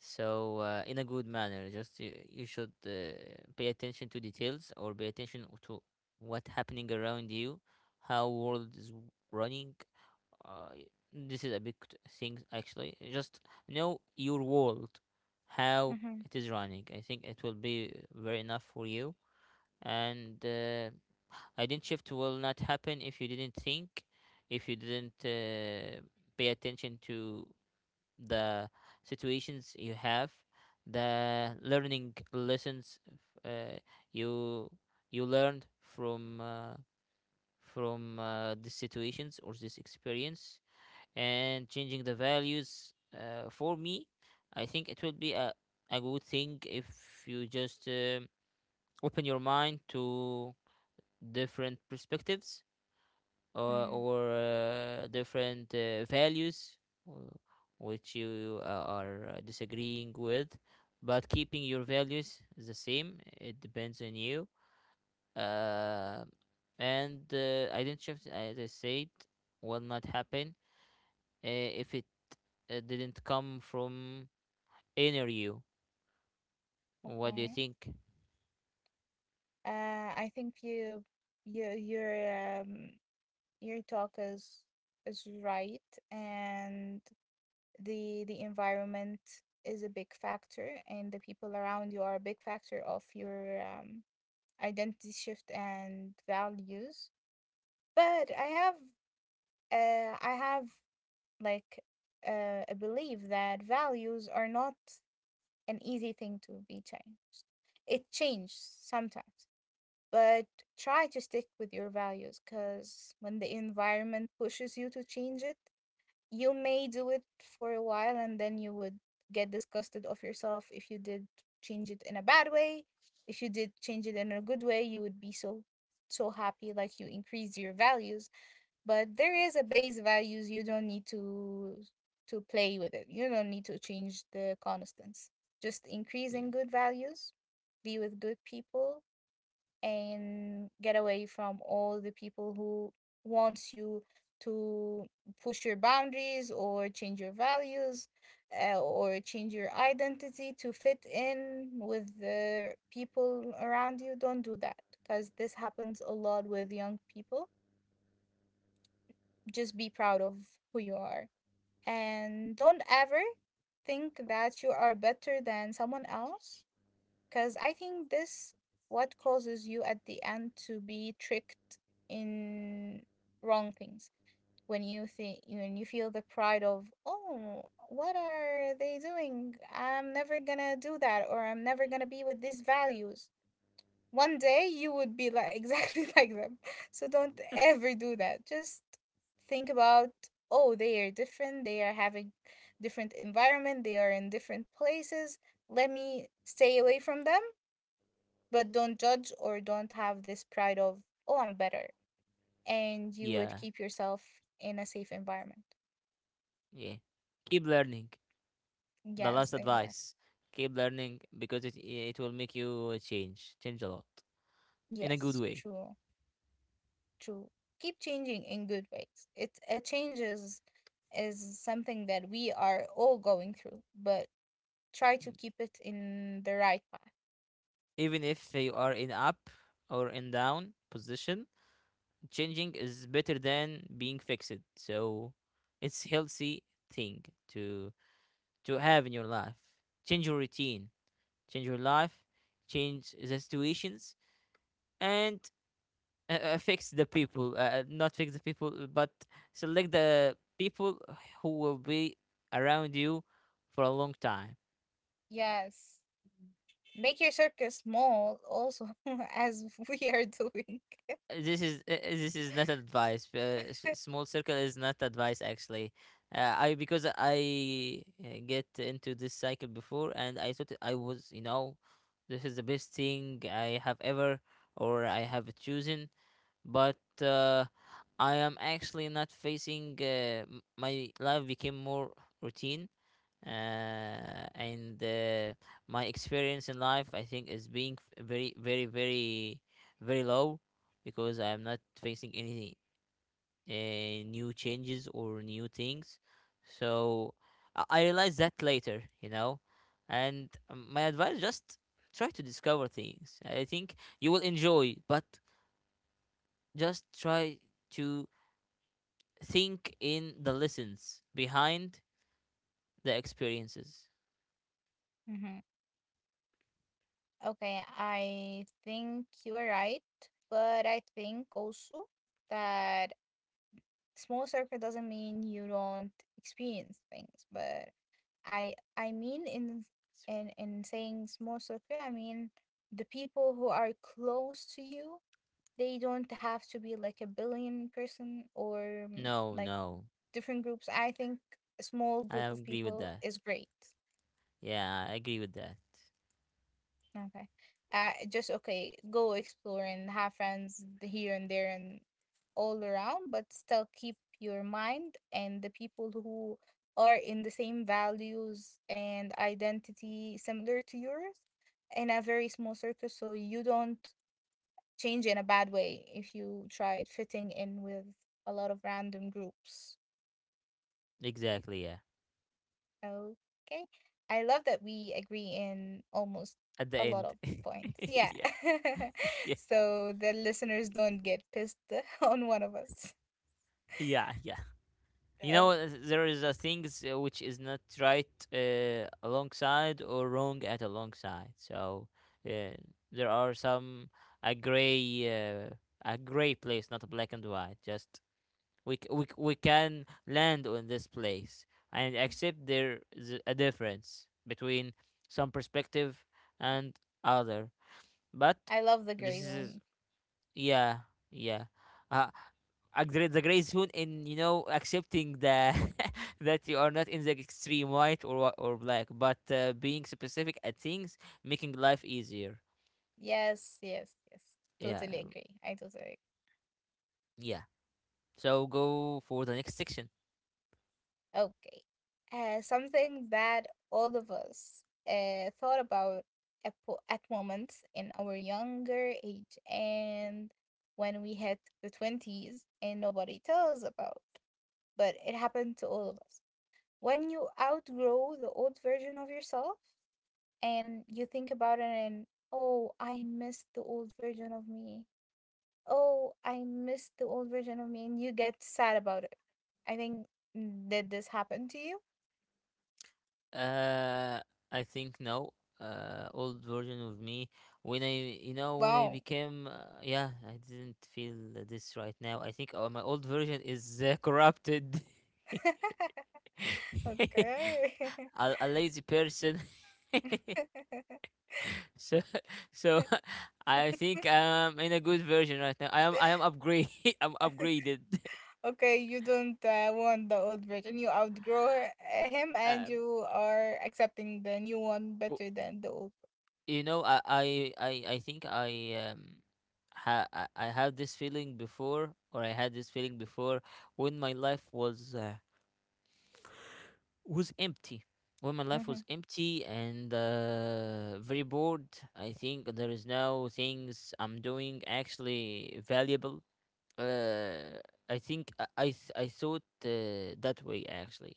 [SPEAKER 2] So, in a good manner, just you, you should pay attention to details, or pay attention to what happening around you, how world is running. Uh, y- this is a big thing, actually. Just know your world, how
[SPEAKER 1] Mm-hmm.
[SPEAKER 2] it is running. I think it will be very enough for you, and did shift will not happen if you didn't think, if you didn't pay attention to the situations you have, the learning lessons, uh, you you learned from these situations or this experience. And changing the values, for me, I think it will be a good thing if you just open your mind to different perspectives,
[SPEAKER 1] Mm,
[SPEAKER 2] or different values, uh, which you are disagreeing with, but keeping your values the same. It depends on you. Uh, and uh, identity shift, as I said, will not happen, uh, if it didn't come from inner you. What do you
[SPEAKER 1] okay.
[SPEAKER 2] think?
[SPEAKER 1] Uh, I think you, you, your talk is right, and the environment is a big factor, and the people around you are a big factor of your identity shift and values. But I have, like, a belief that values are not an easy thing to be changed. It changes sometimes, but try to stick with your values, because when the environment pushes you to change it, you may do it for a while and then you would get disgusted of yourself. If you did change it in a bad way, if you did change it in a good way, you would be so so happy, like you increase your values. But there is a base values, you don't need to play with it, you don't need to change the constants, just
[SPEAKER 2] Yeah.
[SPEAKER 1] increasing good values. Be with good people and get away from all the people who wants you to push your boundaries or change your values, or change your identity to fit in with the people around you. Don't do that, because this happens a lot with young people. Just be proud of who you are, and don't ever think that you are better than someone else, because I think this what causes you at the end to be tricked in wrong things. When you think, when you feel the pride of, oh, what are they doing? I'm never gonna do that, or I'm never gonna be with these values. One day you would be like exactly like them. So don't ever do that. Just think about, oh, they are different, they are having different environment, they are in different places, let me stay away from them. But don't judge or don't have this pride of, oh, I'm better. And you would
[SPEAKER 2] yeah
[SPEAKER 1] keep yourself in a safe environment.
[SPEAKER 2] yeah keep learning. The last
[SPEAKER 1] Yes, exactly.
[SPEAKER 2] advice, keep learning because it will make you change, a lot in a good
[SPEAKER 1] Yes,
[SPEAKER 2] way.
[SPEAKER 1] true, true. Keep changing in good ways. It changes, is something that we are all going through, but try to
[SPEAKER 2] Mm.
[SPEAKER 1] keep it in the right path.
[SPEAKER 2] Even if you are in up or in down position, changing is better than being fixed. So it's healthy thing to have in your life. Change your routine, change your life, change the situations, and fix the people, not fix the people, but select the people who will be around you for a long time.
[SPEAKER 1] Yes. Make your circus small also, as we are doing.
[SPEAKER 2] This is not advice. Small circle is not advice, actually. I because I get into this cycle before, and I thought I was, you know, this is the best thing I have ever, or I have chosen, but I am actually not facing. My life became more routine, and my experience in life, I think, is being very, very, very, very low because I'm not facing any new changes or new things. So I realized that later, you know. And my advice, just try to discover things. I think you will enjoy, but just try to think in the lessons behind the experiences.
[SPEAKER 1] Mhm. Okay, I think you are right, but I think also that small circle doesn't mean you don't experience things, but I mean in in saying small circle, I mean the people who are close to you, they don't have to be like a billion person or, mm,
[SPEAKER 2] No,
[SPEAKER 1] like
[SPEAKER 2] no.
[SPEAKER 1] different groups. I think a small
[SPEAKER 2] I
[SPEAKER 1] group of
[SPEAKER 2] agree with
[SPEAKER 1] people
[SPEAKER 2] that.
[SPEAKER 1] is great.
[SPEAKER 2] Yeah, I agree with that.
[SPEAKER 1] Okay. Just okay, go explore and have friends here and there and all around, but still keep your mind and the people who are in the same values and identity similar to yours in a very small circle, so you don't change in a bad way if you try fitting in with a lot of random groups.
[SPEAKER 2] Exactly, yeah.
[SPEAKER 1] Okay. I love that we agree in almost
[SPEAKER 2] At the
[SPEAKER 1] a lot
[SPEAKER 2] end.
[SPEAKER 1] of points. Yeah.
[SPEAKER 2] Yeah. Yeah,
[SPEAKER 1] So the listeners don't get pissed on one of us.
[SPEAKER 2] yeah, yeah. You know,
[SPEAKER 1] Oh,
[SPEAKER 2] there is a things which is not right alongside, or wrong at alongside. So uh, there are some, a gray uh, a gray place, not a black and white. Just we can land on this place and accept there is a difference between some perspective and other. But
[SPEAKER 1] I love the gray
[SPEAKER 2] this is.
[SPEAKER 1] zone.
[SPEAKER 2] Yeah, yeah. Uh, there is the gray zone in, you know, accepting the that you are not in the extreme white, or black, but being specific at things, making life easier.
[SPEAKER 1] Yes, yes, yes.
[SPEAKER 2] Yeah,
[SPEAKER 1] Totally agree. I totally
[SPEAKER 2] yeah. So go for the next section.
[SPEAKER 1] agree. Okay. Something that all of us thought about at moments in our younger age and when we hit the 20s and nobody tells about, but it happened to all of us. When you outgrow the old version of yourself and you think about it and, oh, I missed the old version of me. Oh, I missed the old version of me. And you get sad about it. I think, did this happen to you?
[SPEAKER 2] Uh, I think no. Old version of me, when I, you know, when I
[SPEAKER 1] Wow.
[SPEAKER 2] became, yeah, I didn't feel this right now. I think my old version is corrupted.
[SPEAKER 1] Okay.
[SPEAKER 2] A lazy person. so so, I think I'm in a good version right now. I am upgrade. I'm upgraded.
[SPEAKER 1] Okay, you don't want the old version. You outgrow him, and
[SPEAKER 2] Um,
[SPEAKER 1] you are accepting the new one
[SPEAKER 2] w-
[SPEAKER 1] better than the old
[SPEAKER 2] you know, I, I think I, ha I have this feeling before, or I had this feeling before when my life was, empty. When my life
[SPEAKER 1] one.
[SPEAKER 2] was empty, and very bored, I think there is now things I'm doing actually valuable. Uh, I think, I saw it that way, actually.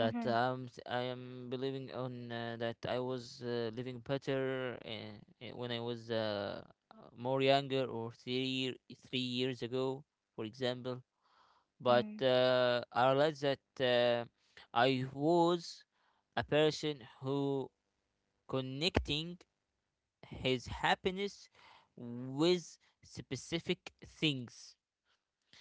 [SPEAKER 1] Mm-hmm.
[SPEAKER 2] That
[SPEAKER 1] Mm-hmm.
[SPEAKER 2] I am believing on that I was living better, when I was, more younger, or three years ago, for example. But
[SPEAKER 1] Mm-hmm.
[SPEAKER 2] I realized that I was a person who connecting his happiness with specific things,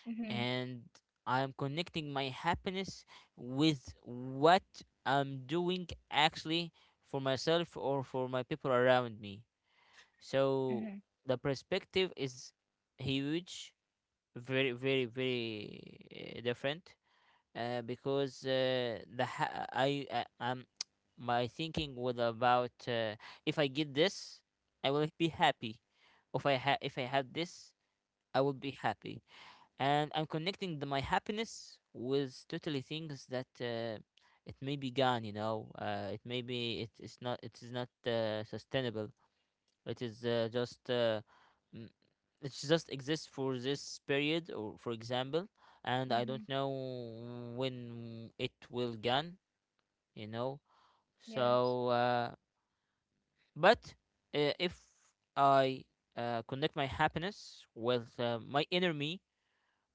[SPEAKER 1] Mm-hmm.
[SPEAKER 2] and I'm connecting my happiness with what I'm doing actually, for myself or for my people around me. So
[SPEAKER 1] Mm-hmm.
[SPEAKER 2] the perspective is huge, very, very, very, different. Because the ha- I my thinking was about, if I get this, I will be happy. If I have this, I will be happy, and I'm connecting my happiness with totally things that, it may be gone. You know, it may be, it is not, sustainable. It is uh, just uh, mm, it just exists for this period, or for example, and I
[SPEAKER 1] Mm-hmm.
[SPEAKER 2] don't know when it will gone. You know,
[SPEAKER 1] Yes.
[SPEAKER 2] so but if I connect my happiness with my inner me,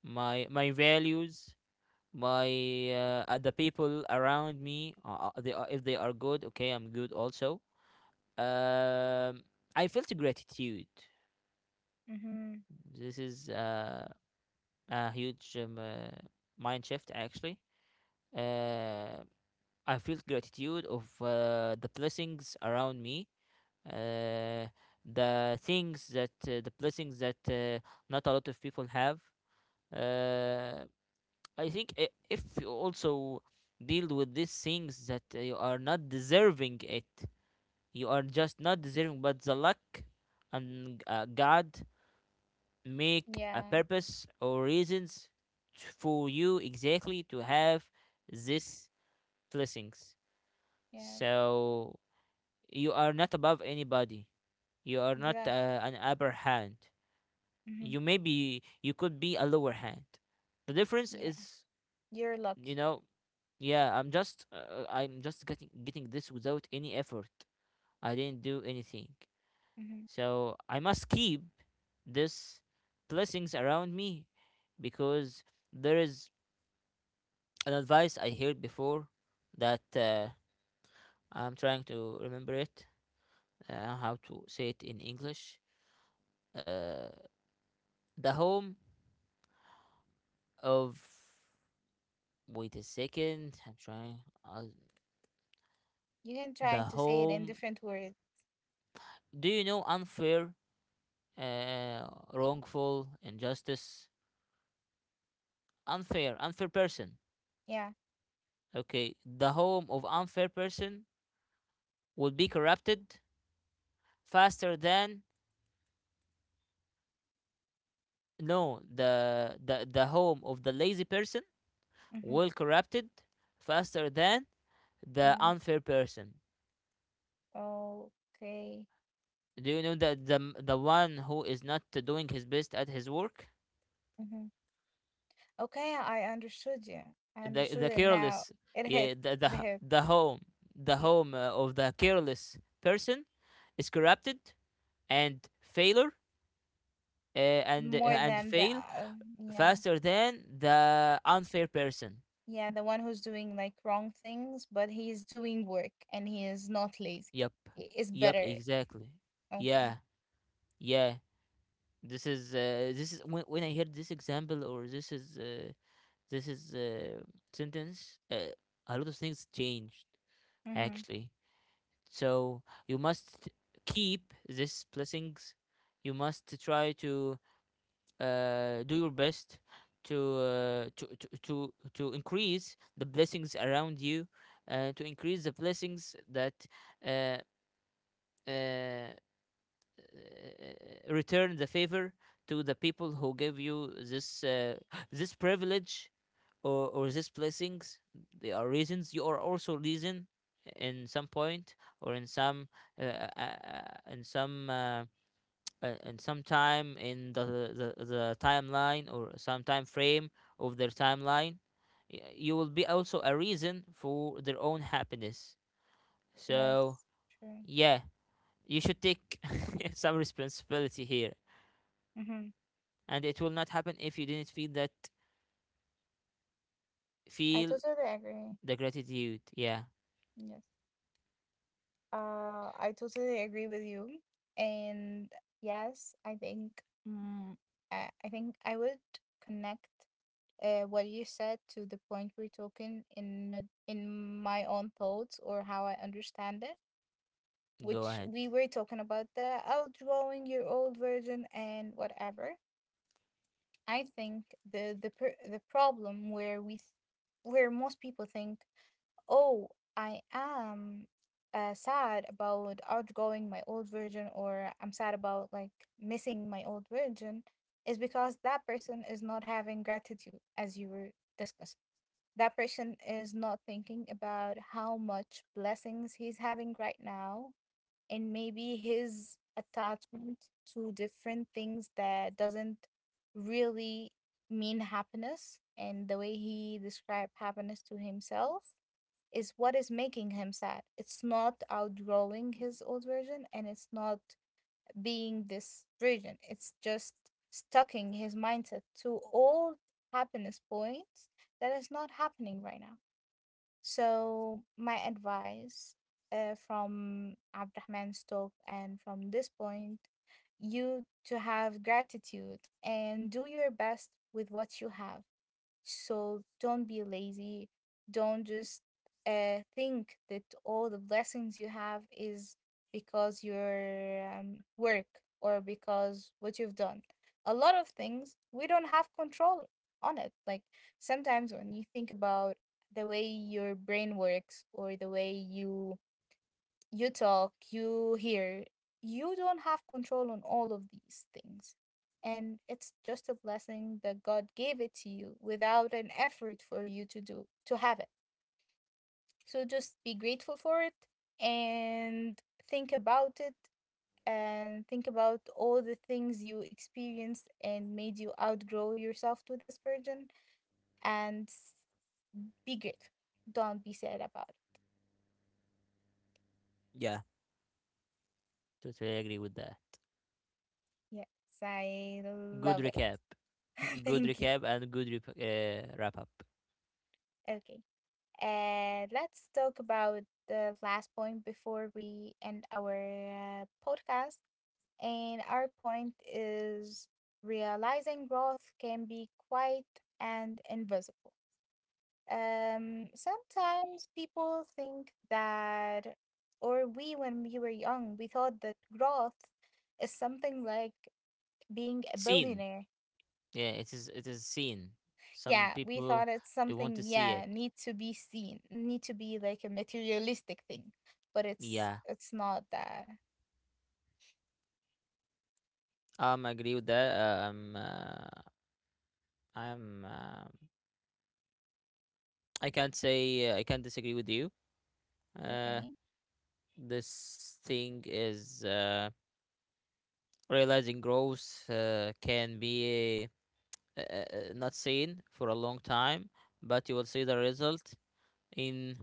[SPEAKER 2] my values, my, the people around me, they are, if they are good, okay, I'm good also. um I felt gratitude.
[SPEAKER 1] Mm-hmm.
[SPEAKER 2] This is a huge, mind shift, actually. uh, I felt gratitude of the blessings around me, uh, the things that, the blessings that, not a lot of people have. uh, I think, if you also deal with these things that you are not deserving it, you are just not deserving, but the luck and God make a
[SPEAKER 1] Yeah.
[SPEAKER 2] purpose or reasons, for you exactly to have these blessings.
[SPEAKER 1] Yeah.
[SPEAKER 2] So you are not above anybody. You are not
[SPEAKER 1] Exactly.
[SPEAKER 2] an upper hand.
[SPEAKER 1] Mm-hmm.
[SPEAKER 2] You, maybe you could be a lower hand. The difference
[SPEAKER 1] Yeah.
[SPEAKER 2] is,
[SPEAKER 1] You're
[SPEAKER 2] you
[SPEAKER 1] lucky.
[SPEAKER 2] know, yeah, I'm just, I'm just getting this without any effort. I didn't do anything.
[SPEAKER 1] Mm-hmm.
[SPEAKER 2] So I must keep this blessings around me because there is an advice I heard before that, I'm trying to remember it, how to say it in English. Uh, the home of, wait a second. I'm trying, uh,
[SPEAKER 1] You can try
[SPEAKER 2] the
[SPEAKER 1] to say it in
[SPEAKER 2] home.
[SPEAKER 1] different words.
[SPEAKER 2] Do you know unfair? uh, Wrongful, injustice, unfair, unfair person.
[SPEAKER 1] Yeah.
[SPEAKER 2] Okay, the home of unfair person will be corrupted faster than, no, the home of the lazy person
[SPEAKER 1] Mm-hmm.
[SPEAKER 2] will corrupted faster than the
[SPEAKER 1] Mm.
[SPEAKER 2] unfair person.
[SPEAKER 1] Okay.
[SPEAKER 2] Do you know that the one who is not doing his best at his work,
[SPEAKER 1] Mm-hmm. Okay. I understood you. I
[SPEAKER 2] the
[SPEAKER 1] understood it now.
[SPEAKER 2] careless,
[SPEAKER 1] It hit.
[SPEAKER 2] yeah, the
[SPEAKER 1] It hit.
[SPEAKER 2] home, the
[SPEAKER 1] Yeah.
[SPEAKER 2] home of the careless person is corrupted and failure, and
[SPEAKER 1] More than the.
[SPEAKER 2] fail
[SPEAKER 1] Yeah.
[SPEAKER 2] faster than the unfair person.
[SPEAKER 1] Yeah. The one who's doing like wrong things, but he is doing work and he is not lazy.
[SPEAKER 2] Yep.
[SPEAKER 1] He is
[SPEAKER 2] Yep,
[SPEAKER 1] better.
[SPEAKER 2] exactly.
[SPEAKER 1] Okay.
[SPEAKER 2] Yeah. Yeah. This is, this is when, I heard this example, or this is, this is uh, sentence, a lot of things changed,
[SPEAKER 1] Mm-hmm.
[SPEAKER 2] actually. So you must keep these blessings. You must try to, do your best to, to increase the blessings around you, to increase the blessings that, uh, uh, return the favor to the people who give you this, privilege, or these blessings. There are reasons. You are also reason in some point, or in some, uh, uh, uh, in some. Uh, in some time in the, the timeline, or some time frame of their timeline, you will be also a reason for their own happiness, so
[SPEAKER 1] Yes. True.
[SPEAKER 2] yeah, you should take some responsibility here,
[SPEAKER 1] Mm-hmm.
[SPEAKER 2] and it will not happen if you didn't feel that,
[SPEAKER 1] I
[SPEAKER 2] feel
[SPEAKER 1] totally agree.
[SPEAKER 2] the gratitude, yeah.
[SPEAKER 1] Yes. I totally agree with you. And yes, mm, I think I would connect what you said to the point we're talking in my own thoughts or how I understand it,
[SPEAKER 2] Go
[SPEAKER 1] which
[SPEAKER 2] ahead.
[SPEAKER 1] we were talking about the outgrowing your old version and whatever. I think the problem where where most people think, "Oh, I am sad about outgrowing my old version," or "I'm sad about like missing my old version," is because that person is not having gratitude, as you were discussing. That person is not thinking about how much blessings he's having right now, and maybe his attachment to different things that doesn't really mean happiness and the way he described happiness to himself is what is making him sad. It's not outgrowing his old version, and it's not being this version. It's just stucking his mindset to old happiness points that is not happening right now. So, my advice from Abdurrahman's talk and from this point, you to have gratitude and do your best with what you have. So don't be lazy. Don't just think that all the blessings you have is because your work or because what you've done. A lot of things we don't have control on it. Like sometimes when you think about the way your brain works or the way you talk, you hear. You don't have control on all of these things. And it's just a blessing that God gave it to you without an effort for you to do to have it. So just be grateful for it and think about it and think about all the things you experienced and made you outgrow yourself to this virgin and be grateful. Don't be sad about it.
[SPEAKER 2] Yeah, totally agree with that.
[SPEAKER 1] Yes, I
[SPEAKER 2] Good
[SPEAKER 1] love it.
[SPEAKER 2] recap. Good
[SPEAKER 1] Thank you.
[SPEAKER 2] recap, and good wrap up.
[SPEAKER 1] Okay. And let's talk about the last point before we end our podcast. And our point is realizing growth can be quiet and invisible. Sometimes people think that, or we, when we were young, we thought that growth is something like being a
[SPEAKER 2] Scene.
[SPEAKER 1] billionaire.
[SPEAKER 2] Yeah, it is, seen. Some
[SPEAKER 1] Yeah, we
[SPEAKER 2] people
[SPEAKER 1] thought it's
[SPEAKER 2] they want
[SPEAKER 1] something,
[SPEAKER 2] to see
[SPEAKER 1] yeah,
[SPEAKER 2] it.
[SPEAKER 1] need to be seen, need to be like a materialistic thing, but
[SPEAKER 2] Yeah.
[SPEAKER 1] it's not that.
[SPEAKER 2] I agree with that. I'm, uh, I can't say, I can't disagree with you. Uh,
[SPEAKER 1] Okay.
[SPEAKER 2] this thing is, realizing growth, can be, not seen for a long time, but you will see the result in,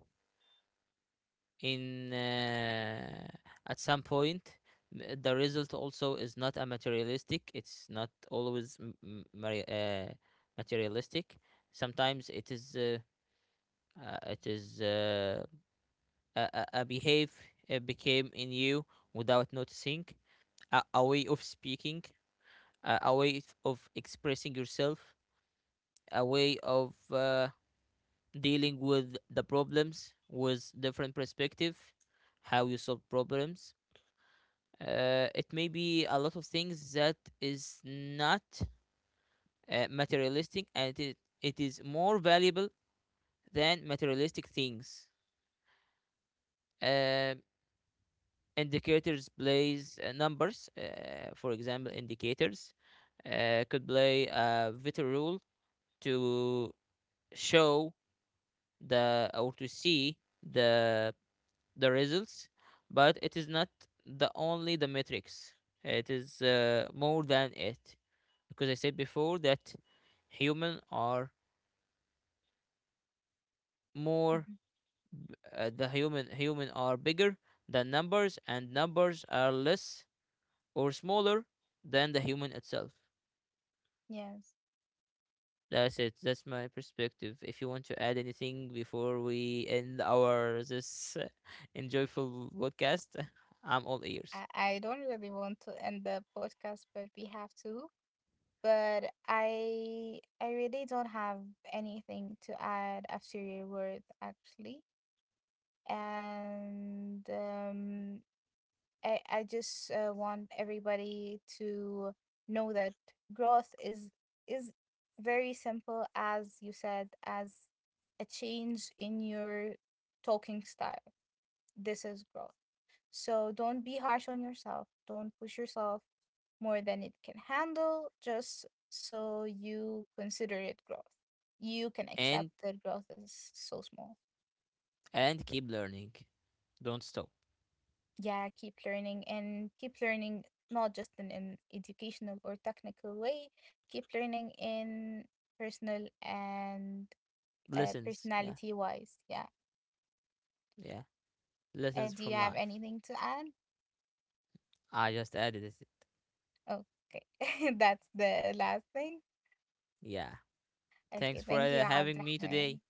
[SPEAKER 2] in uh, at some point. The result also is not a materialistic, it's not always, materialistic. Sometimes it is, uh, it is uh, a behave, became in you without noticing. A way of speaking, a way of expressing yourself, a way of dealing with the problems with different perspective, how you solve problems. It may be a lot of things that is not materialistic, and it is more valuable than materialistic things. uh, Indicators plays, numbers, for example, indicators could play a vital role to show the, or to see the the results, but it is not the only the metrics, it is more than it. Because I said before that human are more,
[SPEAKER 1] Mhm.
[SPEAKER 2] b- the human human are bigger than numbers, and numbers are less or smaller than the human itself.
[SPEAKER 1] Yes.
[SPEAKER 2] That's it. That's my perspective. If you want to add anything before we end our this, enjoyful podcast, I'm all ears.
[SPEAKER 1] I don't really want to end the podcast, but we have to. But I really don't have anything to add after your words actually. And I just want everybody to know that growth is very simple, as you said, as a change in your talking style. This is growth. So don't be harsh on yourself, don't push yourself more than it can handle just so you consider it growth. You can accept
[SPEAKER 2] And
[SPEAKER 1] that growth is so small.
[SPEAKER 2] and keep learning. Don't stop.
[SPEAKER 1] Yeah, keep learning and keep learning, not just in an educational or technical way, keep learning in personal and
[SPEAKER 2] Lessons. Yeah.
[SPEAKER 1] personality wise. Yeah.
[SPEAKER 2] Yeah. Lessons
[SPEAKER 1] Do you
[SPEAKER 2] from
[SPEAKER 1] have
[SPEAKER 2] life.
[SPEAKER 1] anything to add?
[SPEAKER 2] I just added it.
[SPEAKER 1] Okay. That's the last thing.
[SPEAKER 2] Yeah. Thanks
[SPEAKER 1] Okay.
[SPEAKER 2] for
[SPEAKER 1] Thank you,
[SPEAKER 2] having me today,
[SPEAKER 1] Abdurrahman.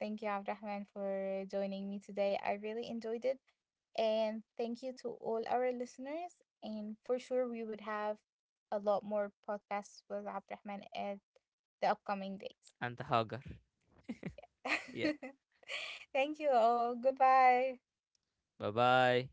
[SPEAKER 1] Thank you, Abdurrahman, for joining me today. I really enjoyed it. And thank you to all our listeners. And for sure, we would have a lot more podcasts with Abdurrahman at the upcoming days.
[SPEAKER 2] and the. Yeah.
[SPEAKER 1] Thank you all. Goodbye.
[SPEAKER 2] Bye bye.